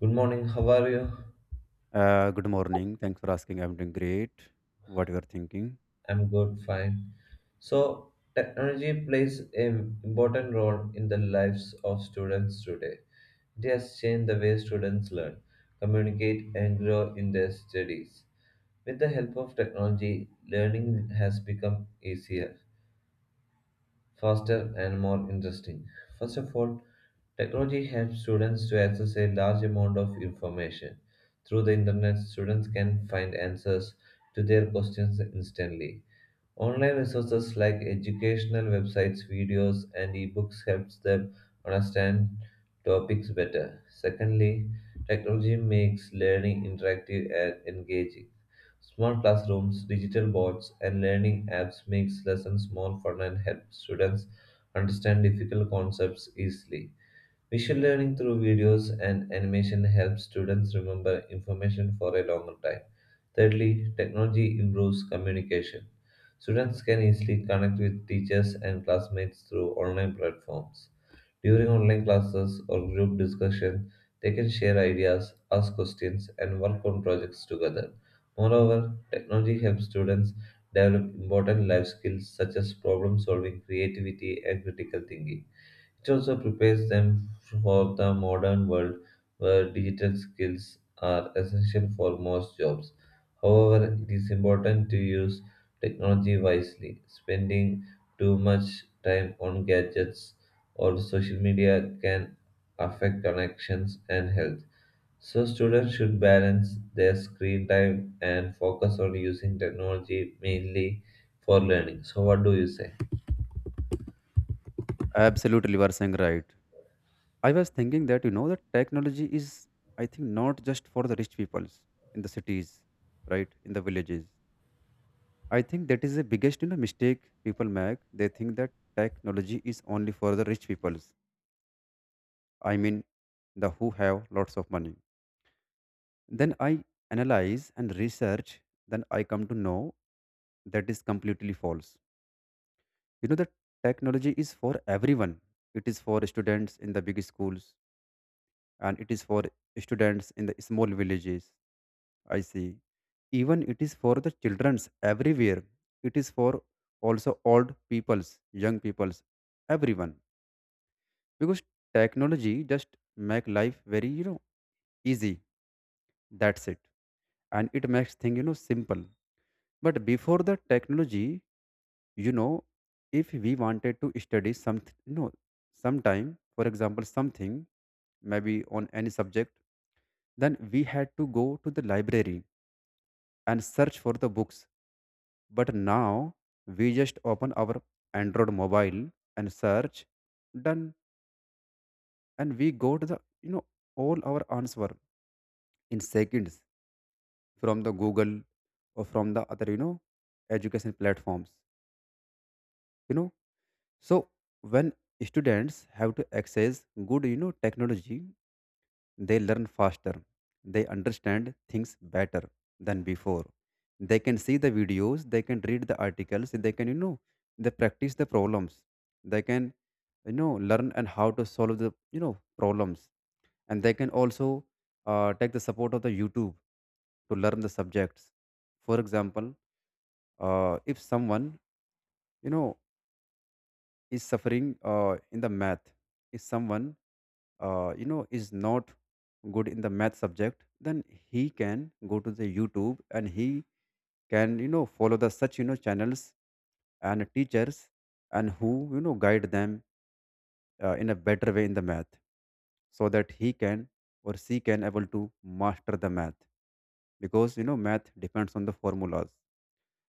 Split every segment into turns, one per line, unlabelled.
Good morning, how are you?
Good morning. Thanks for asking. I'm doing great. What you are thinking?
I'm good, fine. So, technology plays an important role in the lives of students today. It has changed the way students learn, communicate, and grow in their studies. With the help of technology, learning has become easier, faster and more interesting. First of all, technology helps students to access a large amount of information. Through the internet, students can find answers to their questions instantly. Online resources like educational websites, videos, and ebooks helps them understand topics better. Secondly, technology makes learning interactive and engaging. Smart classrooms, digital boards, and learning apps makes lessons more fun and help students understand difficult concepts easily. Visual learning through videos and animation helps students remember information for a longer time. Thirdly, technology improves communication. Students can easily connect with teachers and classmates through online platforms. During online classes or group discussion, they can share ideas, ask questions, and work on projects together. Moreover, technology helps students develop important life skills such as problem solving, creativity, and critical thinking. It also prepares them for the modern world where digital skills are essential for most jobs. However, it is important to use technology wisely. Spending too much time on gadgets or social media can affect connections and health. So, students should balance their screen time and focus on using technology mainly for learning. So, what do you say?
Absolutely, you are saying right. I was thinking that you know that technology is, I think, not just for the rich peoples in the cities, right? In the villages. I think that is the biggest mistake people make. They think that technology is only for the rich peoples. I mean, the who have lots of money. Then I analyze and research. Then I come to know that is completely false, you know, that technology is for everyone. It is for students in the big schools and it is for students in the small villages. I see, even it is for the children's everywhere. It is for also old peoples, young peoples, everyone, because technology just make life very, you know, easy. That's it. And it makes thing, you know, simple. But before the technology, you know, if we wanted to study something, you know, sometime for example something maybe on any subject, then we had to go to the library and search for the books. But now we just open our android mobile and search, done. And we got the, you know, all our answer in seconds, from the google or from the other, you know, education platforms, you know. So when students have to access good, you know, technology, they learn faster. They understand things better than before. They can see the videos, they can read the articles, they can, you know, they practice the problems. They can, you know, learn and how to solve the, you know, problems. And they can also take the support of the YouTube to learn the subjects. For example, if someone you know is suffering in the math, if someone you know is not good in the math subject, then he can go to the youtube and he can, you know, follow the such, you know, channels and teachers and who, you know, guide them in a better way in the math, so that he can or she can able to master the math. Because you know math depends on the formulas,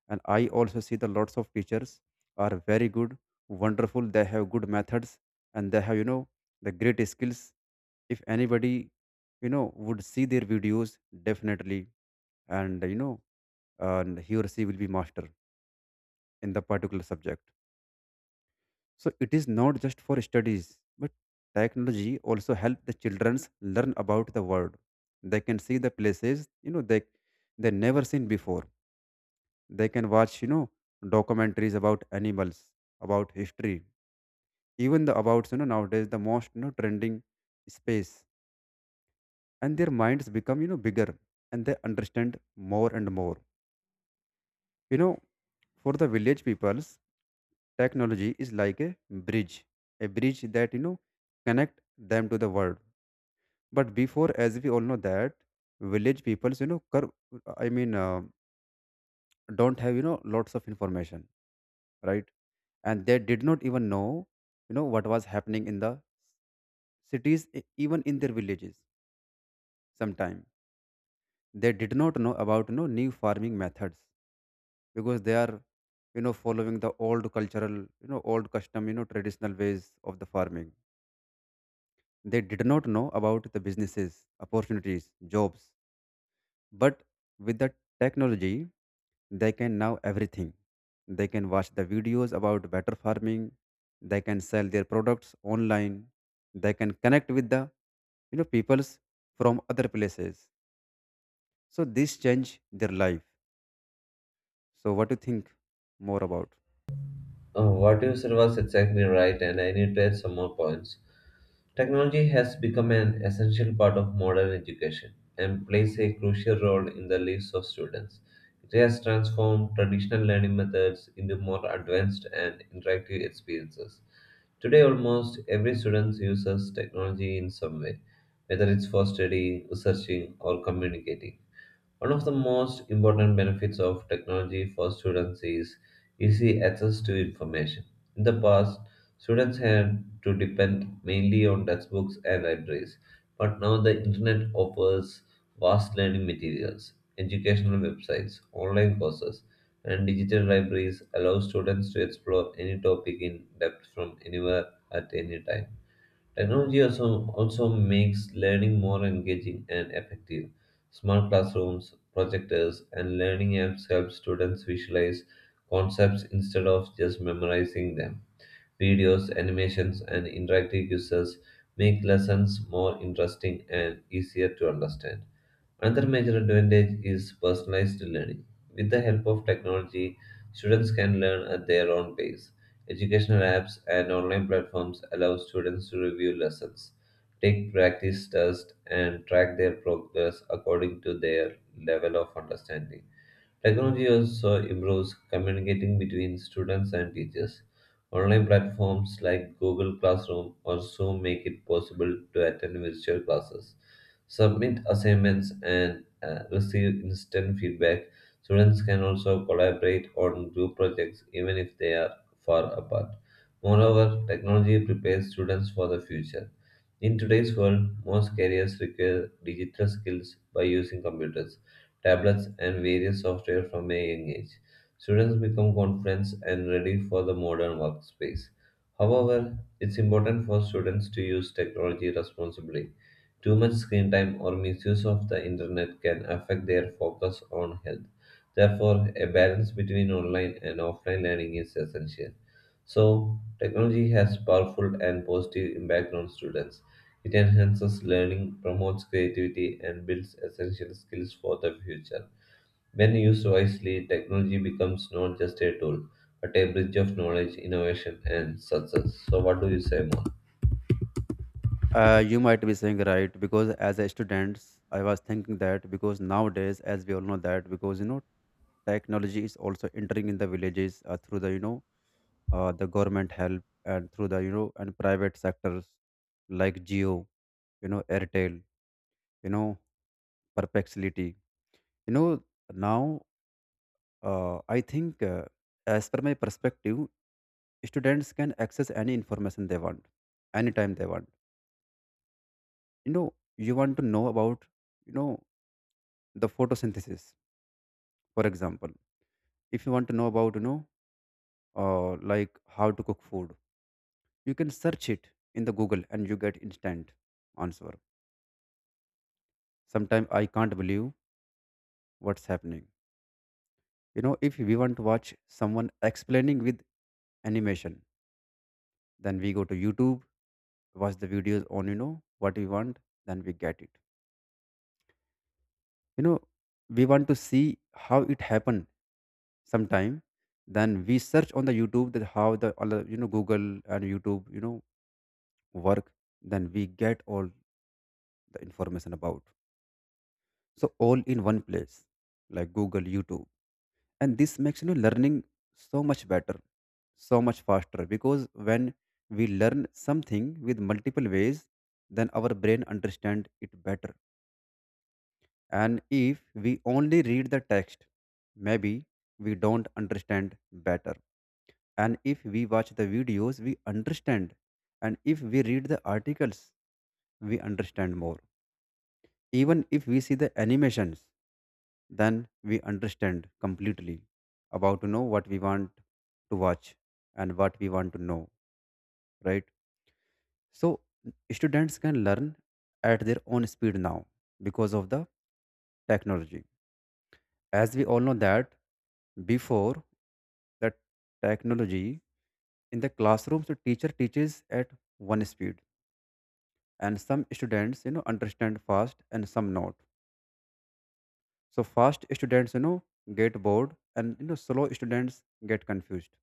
and I also see the lots of teachers are very good, wonderful, they have good methods, and they have, you know, the great skills. If anybody, you know, would see their videos, definitely, and you know, and he or she will be master in the particular subject. So it is not just for studies, but technology also help the childrens learn about the world. They can see the places, you know, they never seen before. They can watch, you know, documentaries about animals, about history, even the about, you know, nowadays the most, you know, trending space. And their minds become, you know, bigger, and they understand more and more. You know, for the village peoples, technology is like a bridge that, you know, connect them to the world. But before, as we all know that, village peoples, you know, curve, I mean, don't have, you know, lots of information, right? And they did not even know, you know, what was happening in the cities, even in their villages sometime. They did not know about, you know, new farming methods, because they are, you know, following the old cultural, you know, old custom, you know, traditional ways of the farming. They did not know about the businesses opportunities, jobs. But with the technology, they can now everything. They can watch the videos about better farming. They can sell their products online. They can connect with the, you know, peoples from other places. So this change their life. So what do you think more about?
Oh, what you said was exactly right, and I need to add some more points. Technology has become an essential part of modern education and plays a crucial role in the lives of students. It has transformed traditional learning methods into more advanced and interactive experiences. Today, almost every student uses technology in some way, whether it's for studying, researching, or communicating. One of the most important benefits of technology for students is easy access to information. In the past, students had to depend mainly on textbooks and libraries, but now the internet offers vast learning materials, educational websites, online courses, and digital libraries allow students to explore any topic in depth from anywhere at any time. Technology also makes learning more engaging and effective. Smart classrooms, projectors, and learning apps help students visualize concepts instead of just memorizing them. Videos, animations, and interactive quizzes make lessons more interesting and easier to understand. Another major advantage is personalized learning. With the help of technology, students can learn at their own pace. Educational apps and online platforms allow students to review lessons, take practice tests, and track their progress according to their level of understanding. Technology also improves communicating between students and teachers. Online platforms like Google Classroom or Zoom make it possible to attend virtual classes, submit assignments, and receive instant feedback. Students can also collaborate on group projects even if they are far apart. Moreover, technology prepares students for the future. In today's world, most careers require digital skills by using computers tablets, and various software from a young age. Students become confident and ready for the modern workspace. However, it's important for students to use technology responsibly. Too much screen time or misuse of the internet can affect their focus on health. Therefore, a balance between online and offline learning is essential. So, technology has powerful and positive impact on students, it enhances learning, promotes creativity, and builds essential skills for the future. When used wisely, technology becomes not just a tool, but a bridge of knowledge, innovation, and success. So, what do you say more?
You might be saying right, because as a student, I was thinking that because nowadays, as we all know that because you know technology is also entering in the villages through the, you know, the government help, and through the, you know, and private sectors like Geo, you know, Airtel, you know, Perplexity. You know, now I think, as per my perspective, students can access any information they want, anytime they want. You know, you want to know about, you know, the photosynthesis, for example. If you want to know about, you know, like how to cook food, you can search it in the Google and you get instant answer. Sometimes I can't believe what's happening. You know, if we want to watch someone explaining with animation, then we go to YouTube, watch the videos on, you know, what we want, then we get it. You know, we want to see how it happened sometime. Then we search on the YouTube that how the other, you know, Google and YouTube, you know, work. Then we get all the information about. So all in one place, like Google, YouTube, and this makes, you know, learning so much better, so much faster, because when we learn something with multiple ways, then our brain understand it better. And if we only read the text, maybe we don't understand better. And if we watch the videos we understand, and if we read the articles we understand more. Even if we see the animations, then we understand completely about, you know, what we want to watch and what we want to know, right? So students can learn at their own speed now because of the technology. As we all know that before the technology, in the classrooms the teacher teaches at one speed, and some students, you know, understand fast and some not. So fast students, you know, get bored, and you know, slow students get confused.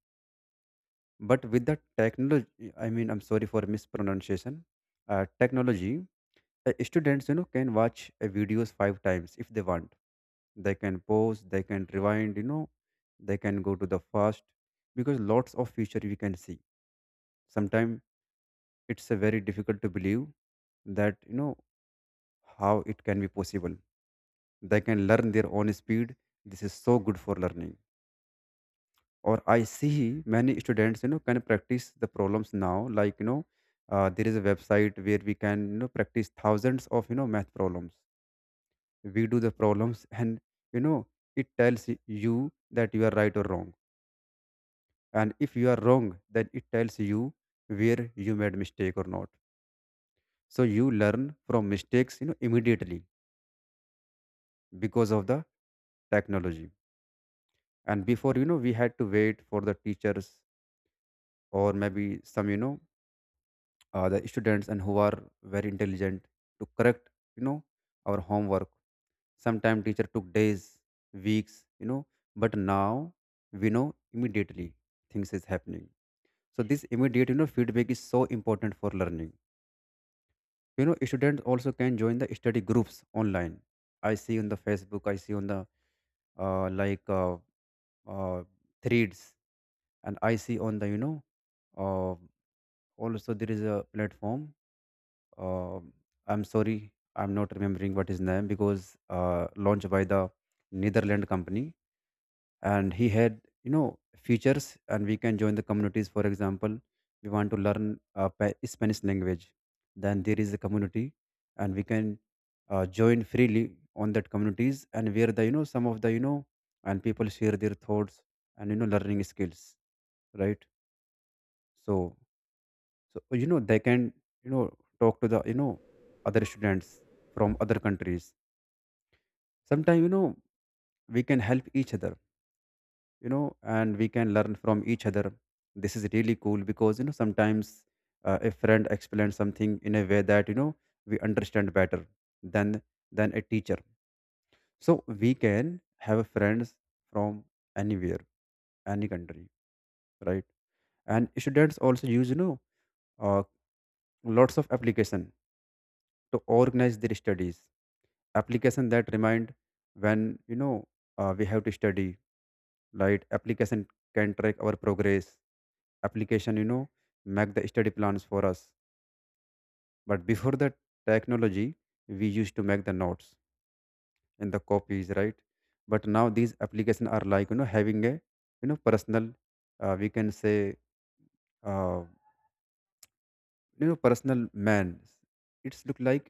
But with the technology, I mean, I'm sorry for mispronunciation. Technology, students, you know, can watch a videos five times if they want. They can pause, they can rewind, you know, they can go to the fast, because lots of feature we can see. Sometimes it's a very difficult to believe that, you know, how it can be possible. They can learn their own speed. This is so good for learning. Or I see many students, you know, can practice the problems now, like you know, there is a website where we can, you know, practice thousands of, you know, math problems. We do the problems, and you know, it tells you that you are right or wrong. And if you are wrong, then it tells you where you made mistake or not. So you learn from mistakes, you know, immediately because of the technology. And before, you know, we had to wait for the teachers, or maybe some, you know, the students and who are very intelligent, to correct, you know, our homework. Sometimes teacher took days, weeks, you know. But now we know immediately things is happening. So this immediate, you know, feedback is so important for learning. You know, students also can join the study groups online. I see on the facebook, I see on the, like uh, threads, and I see on the, you know, uh, also there is a platform. Um I'm sorry, I'm not remembering what his name, because launched by the Netherland company, and he had you know features, and we can join the communities. For example, we want to learn Spanish language, then there is a community, and we can join freely on that communities, and where the, you know, some of the, you know, and people share their thoughts and you know learning skills, right? So, so you know they can, you know, talk to the, you know, other students from other countries. Sometimes, you know, we can help each other, you know, and we can learn from each other. This is really cool, because you know sometimes a friend explains something in a way that, you know, we understand better than a teacher. So we can have friends from anywhere, any country, right? And students also use, you know, uh, lots of application to organize their studies. Application that remind when, you know, we have to study, right. Application can track our progress. Application, you know, make the study plans for us. But before the technology we used to make the notes and the copies, right? But now these applications are like, you know, having a, you know, personal, we can say, uh, you know, personal man. It's look like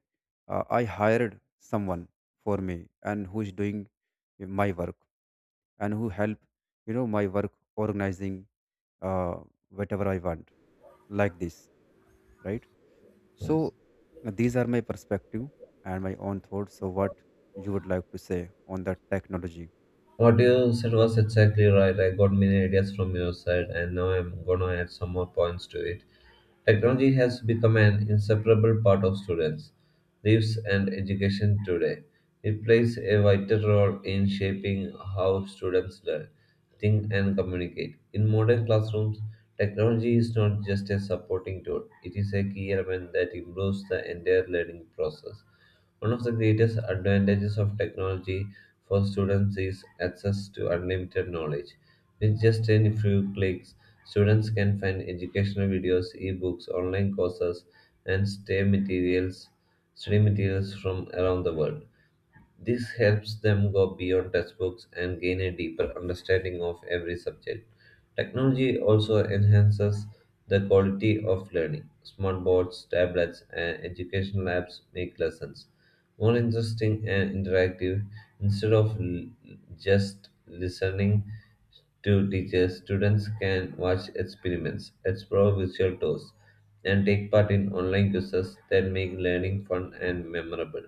I hired someone for me, and who is doing my work, and who help, you know, my work organizing, uh, whatever I want, like this, right? So,
Yes.
these are my perspective and my own thoughts. So what you would like to say on the technology?
What you said was exactly right. I got many ideas from your side, and now I'm gonna add some more points to it. Technology has become an inseparable part of students' lives and education today. It plays a vital role in shaping how students learn, think, and communicate. In modern classrooms, technology is not just a supporting tool, it is a key element that improves the entire learning process. One of the greatest advantages of technology for students is access to unlimited knowledge. With just a few clicks, students can find educational videos, ebooks, online courses, and stay materials, study materials from around the world. This helps them go beyond textbooks and gain a deeper understanding of every subject. Technology also enhances the quality of learning. Smartboards, tablets, and education apps make lessons more interesting and interactive. Instead of just listening to teachers, students can watch experiments, explore virtual tours, and take part in online quizzes that make learning fun and memorable.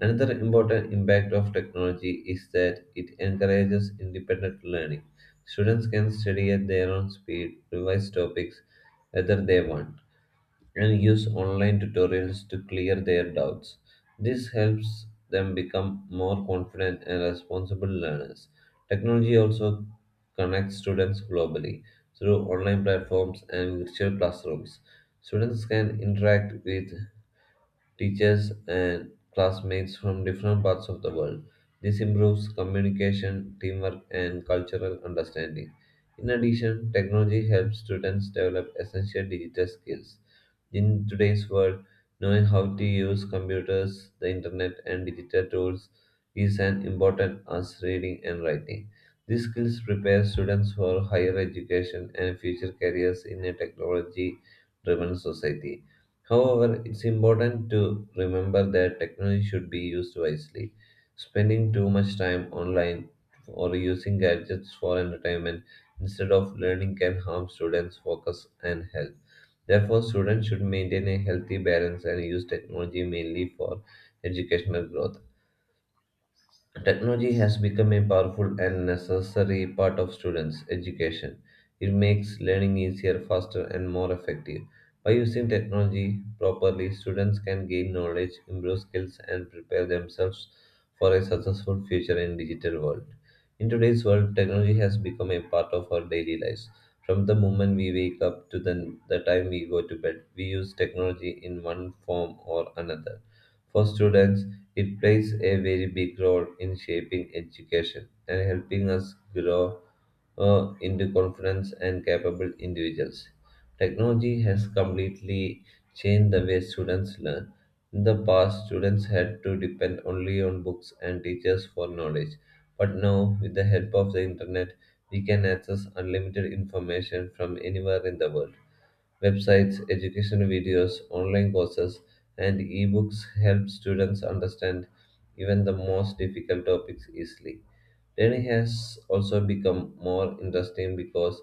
Another important impact of technology is that it encourages independent learning. Students can study at their own speed, revise topics whether they want, and use online tutorials to clear their doubts. This helps them become more confident and responsible learners. Technology also connects students globally through online platforms and virtual classrooms. Students can interact with teachers, and classmates from different parts of the world. This improves communication, teamwork, and cultural understanding. In addition, technology helps students develop essential digital skills in today's world, knowing how to use computers, the internet, and digital tools is as important as reading and writing. These skills prepare students for higher education and future careers in a technology driven society. However, it's important to remember that technology should be used wisely. Spending too much time online or using gadgets for entertainment instead of learning can harm students' focus and health. Therefore, students should maintain a healthy balance and use technology mainly for educational growth. Technology has become a powerful and necessary part of students' education. It makes learning easier, faster, and more effective. By using technology properly, students can gain knowledge, improve skills, and prepare themselves for a successful future in digital world. In today's world, technology has become a part of our daily lives. From the moment we wake up to the time we go to bed, we use technology in one form or another. For students, it plays a very big role in shaping education and helping us grow into confident and capable individuals. Technology has completely changed the way students learn. In the past, students had to depend only on books and teachers for knowledge. But now, with the help of the internet, we can access unlimited information from anywhere in the world, websites, educational videos, online courses, and ebooks help students understand even the most difficult topics easily. Learning has also become more interesting because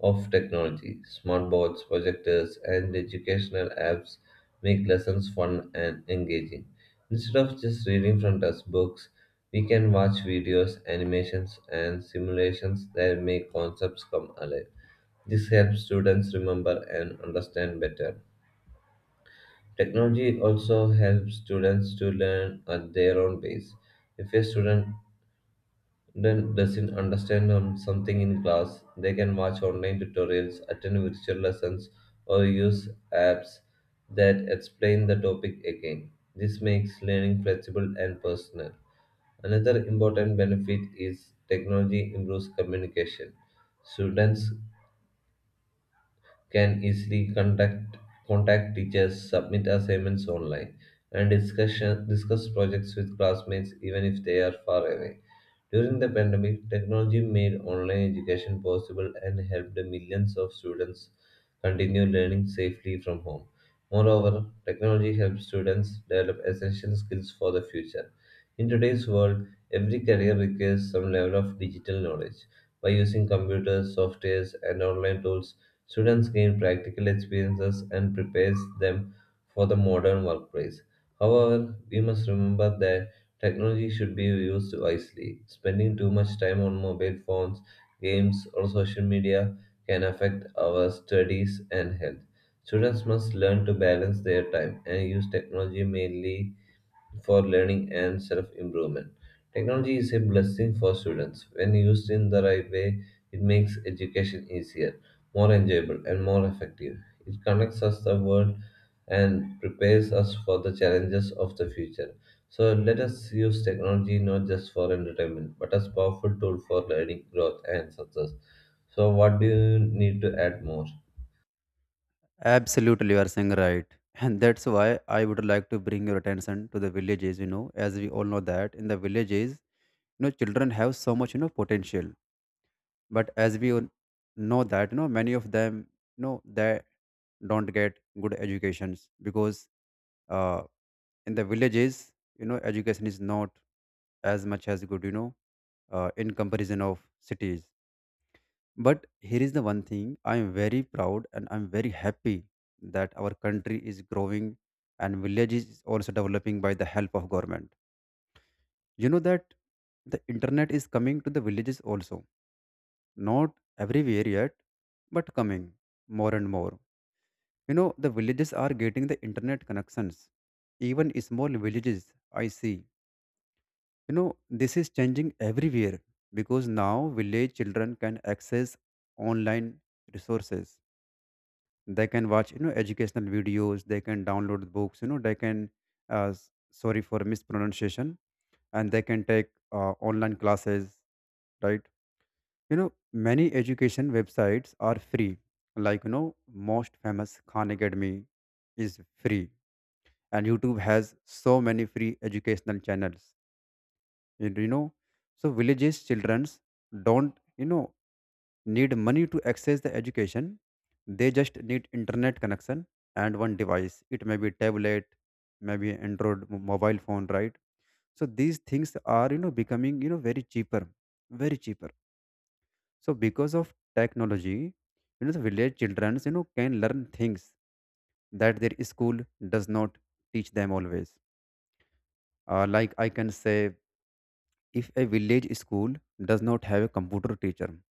of technology. Smart boards, projectors, and educational apps make lessons fun and engaging. Instead of just reading from textbooks, we can watch videos, animations, and simulations that make concepts come alive. This helps students remember and understand better. Technology also helps students to learn at their own pace. If a student then doesn't understand something in class, they can watch online tutorials, attend virtual lessons, or use apps that explain the topic again. This makes learning flexible and personal. Another important benefit is technology improves communication. Students can easily contact teachers, submit assignments online, and discuss projects with classmates even if they are far away. During the pandemic, technology made online education possible and helped millions of students continue learning safely from home. Moreover, technology helps students develop essential skills for the future. In today's world, every career requires some level of digital knowledge. By using computers, softwares, and online tools, students gain practical experiences and prepares them for the modern workplace. However, we must remember that technology should be used wisely. Spending too much time on mobile phones, games, or social media can affect our studies and health. Students must learn to balance their time and use technology mainly for learning and self improvement. Technology is a blessing for students. When used in the right way, it makes education easier, more enjoyable, and more effective. It connects us the world and prepares us for the challenges of the future. So let us use technology not just for entertainment, but as powerful tool for learning, growth, and success. So what do you need to add more?
Absolutely, you are saying right. And that's why I would like to bring your attention to the villages, you know, as we all know that in the villages, you know, children have so much, you know, potential. But as we all know that, you know, many of them, you know, they don't get good educations because uh, in the villages, you know, education is not as much as good, in comparison of cities. But here is the one thing I am very proud and I'm very happy that our country is growing and villages is also developing by the help of government. You know that the internet is coming to the villages also. Not everywhere yet, but coming more and more. You know, the villages are getting the internet connections. Even small villages I see. You know, this is changing everywhere because now village children can access online resources. They can watch, you know, educational videos. They can download books, you know. They can sorry for mispronunciation, and they can take online classes, right? You know, many education websites are free, like, you know, most famous Khan Academy is free, and YouTube has so many free educational channels, you know. So villages childrens don't, you know, need money to access the education. They just need internet connection and one device. It may be tablet, maybe Android mobile phone, right? So these things are, you know, becoming, you know, very cheaper, very cheaper. So because of technology, you know, the village children, you know, can learn things that their school does not teach them always. Like I can say, if a village school does not have a computer teacher,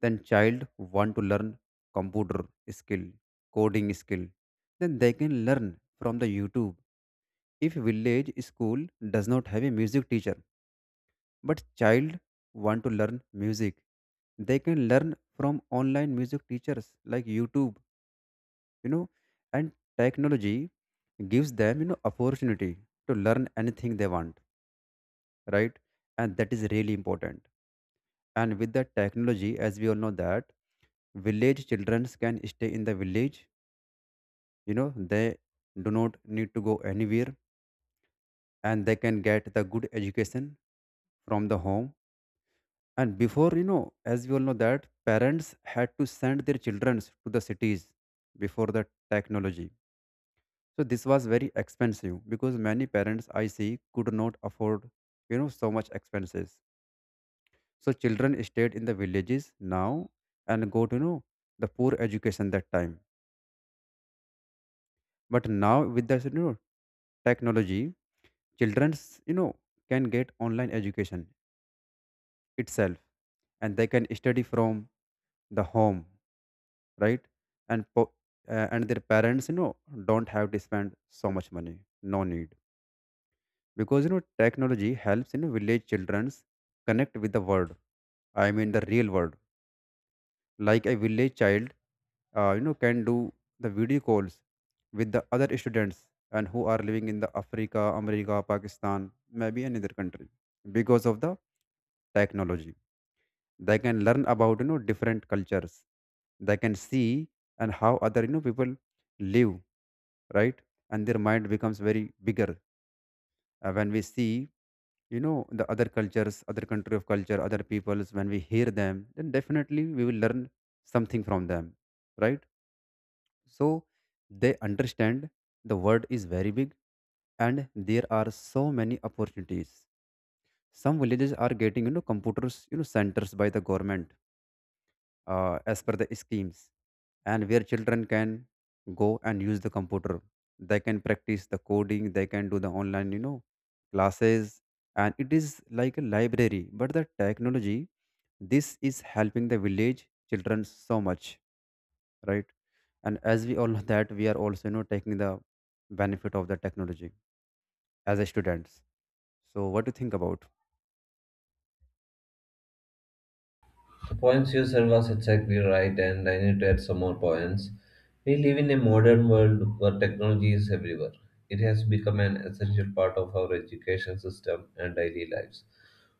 then child want to learn computer skill, coding skill, then they can learn from the YouTube. If village school does not have a music teacher but child want to learn music, they can learn from online music teachers like YouTube, you know. And technology gives them, you know, opportunity to learn anything they want, right? And that is really important. And with the technology, as we all know that village children can stay in the village, you know, they do not need to go anywhere, and they can get the good education from the home. And before, you know, as we all know that parents had to send their children to the cities before the technology. So this was very expensive because many parents I see could not afford, you know, so much expenses. So children stayed in the villages now and go to, you know, the poor education that time. But now with the, you know, technology, childrens, you know, can get online education itself, and they can study from the home, right? And po- and their parents, you know, don't have to spend so much money. No need, because, you know, technology helps, you know, village childrens connect with the world. I mean the real world. Like a village child, you know, can do the video calls with the other students and who are living in the Africa, America, Pakistan, maybe another country. Because of the technology, they can learn about, you know, different cultures. They can see and how other, you know, people live, right? And their mind becomes very bigger. When we see, you know, the other cultures, other country of culture, other peoples, when we hear them, then definitely we will learn something from them, right? So they understand the world is very big and there are so many opportunities. Some villages are getting, you know, computers, you know, centers by the government, as per the schemes, and where children can go and use the computer. They can practice the coding, they can do the online, you know, classes. And it is like a library, but the technology, this is helping the village children so much, right? And as we all know that we are also, you know, taking the benefit of the technology as a students. So what do you think about?
Poems you sent was exactly right, and I need to add some more points. We live in a modern world where technology is everywhere. It has become an essential part of our education system and daily lives.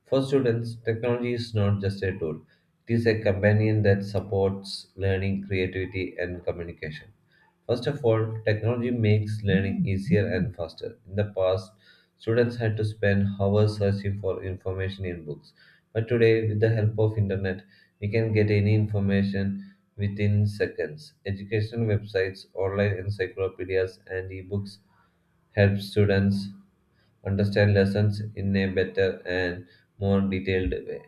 For students, technology is not just a tool, it is a companion that supports learning, creativity, and communication. First of all, technology makes learning easier and faster. In the past, students had to spend hours searching for information in books. But today, with the help of internet, we can get any information within seconds. Education websites, online encyclopedias, and ebooks help students understand lessons in a better and more detailed way.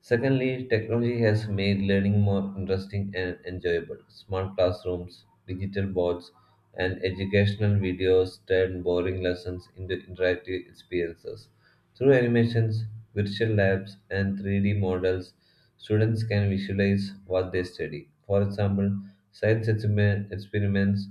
Secondly, technology has made learning more interesting and enjoyable. Smart classrooms, digital boards, and educational videos turn boring lessons into interactive experiences. Through animations, virtual labs, and 3D models, students can visualize what they study. For example, science experiments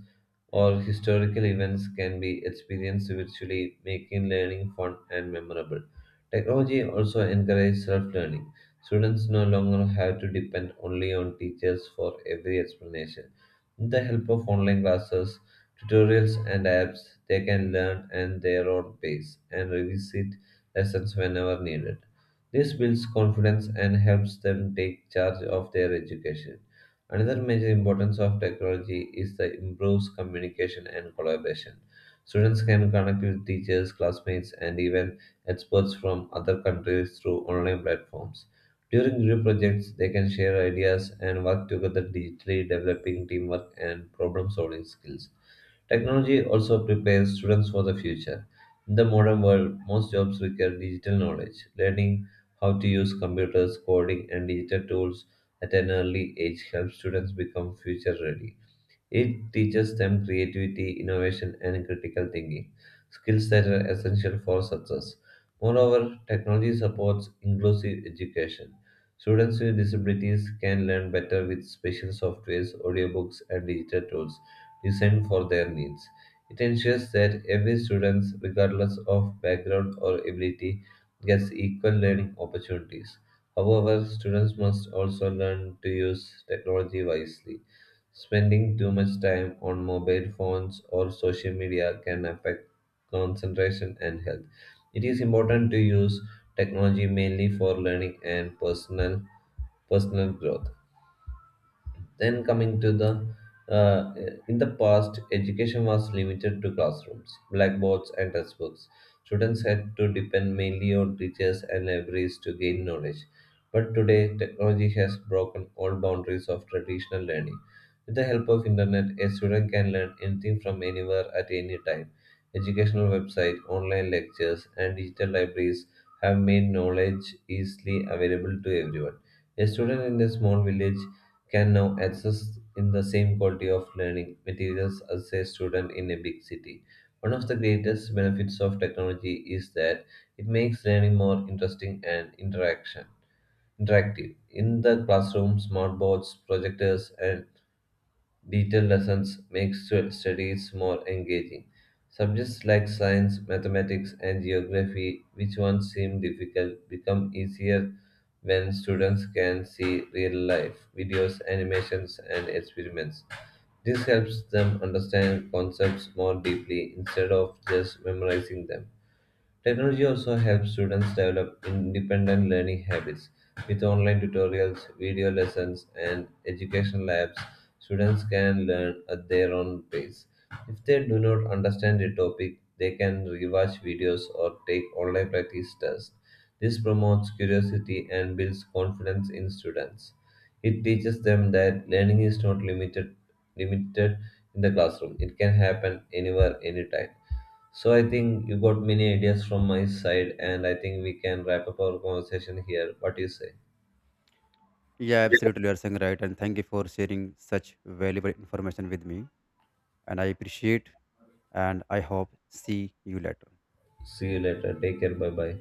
or historical events can be experienced virtually, making learning fun and memorable. Technology also encourages self learning. Students no longer have to depend only on teachers for every explanation. With the help of online classes, tutorials, and apps, they can learn at their own pace and revisit lessons whenever needed. This builds confidence and helps them take charge of their education. Another major importance of technology is the improves communication and collaboration. Students can connect with teachers, classmates, and even experts from other countries through online platforms. During group projects, they can share ideas and work together digitally, developing teamwork and problem solving skills. Technology also prepares students for the future. In the modern world, most jobs require digital knowledge. Learning how to use computers, coding, and digital tools at an early age helps students become future ready. It teaches them creativity, innovation, and critical thinking, skills that are essential for success. Moreover, technology supports inclusive education. Students with disabilities can learn better with special softwares, audiobooks, and digital tools designed for their needs. It ensures that every student, regardless of background or ability, gets equal learning opportunities. However, students must also learn to use technology wisely. Spending too much time on mobile phones or social media can affect concentration and health. It is important to use technology mainly for learning and personal growth. Then coming to the uh, in the past, education was limited to classrooms, blackboards, and textbooks. Students had to depend mainly on teachers and libraries to gain knowledge. But today, technology has broken all boundaries of traditional learning. With the help of internet, a student can learn anything from anywhere at any time. Educational websites, online lectures, and digital libraries have made knowledge easily available to everyone. A student in a small village can now access in the same quality of learning materials as a student in a big city. One of the greatest benefits of technology is that it makes learning more interesting and interaction interactive. In the classroom, smart boards, projectors, and detailed lessons make studies more engaging. Subjects like science, mathematics, and geography, which once seemed difficult, become easier when students can see real life videos, animations, and experiments. This helps them understand concepts more deeply instead of just memorizing them. Technology also helps students develop independent learning habits. With online tutorials, video lessons, and education labs, students can learn at their own pace. If they do not understand a topic, they can rewatch videos or take online practice tests. This promotes curiosity and builds confidence in students. It teaches them that learning is not limited in the classroom. It can happen anywhere, anytime. So I think you got many ideas from my side, and I think we can wrap up our conversation here. What do you say?
Yeah, absolutely, you are saying right, and thank you for sharing such valuable information with me, and I appreciate, and I hope see you later.
See you later. Take care. Bye bye.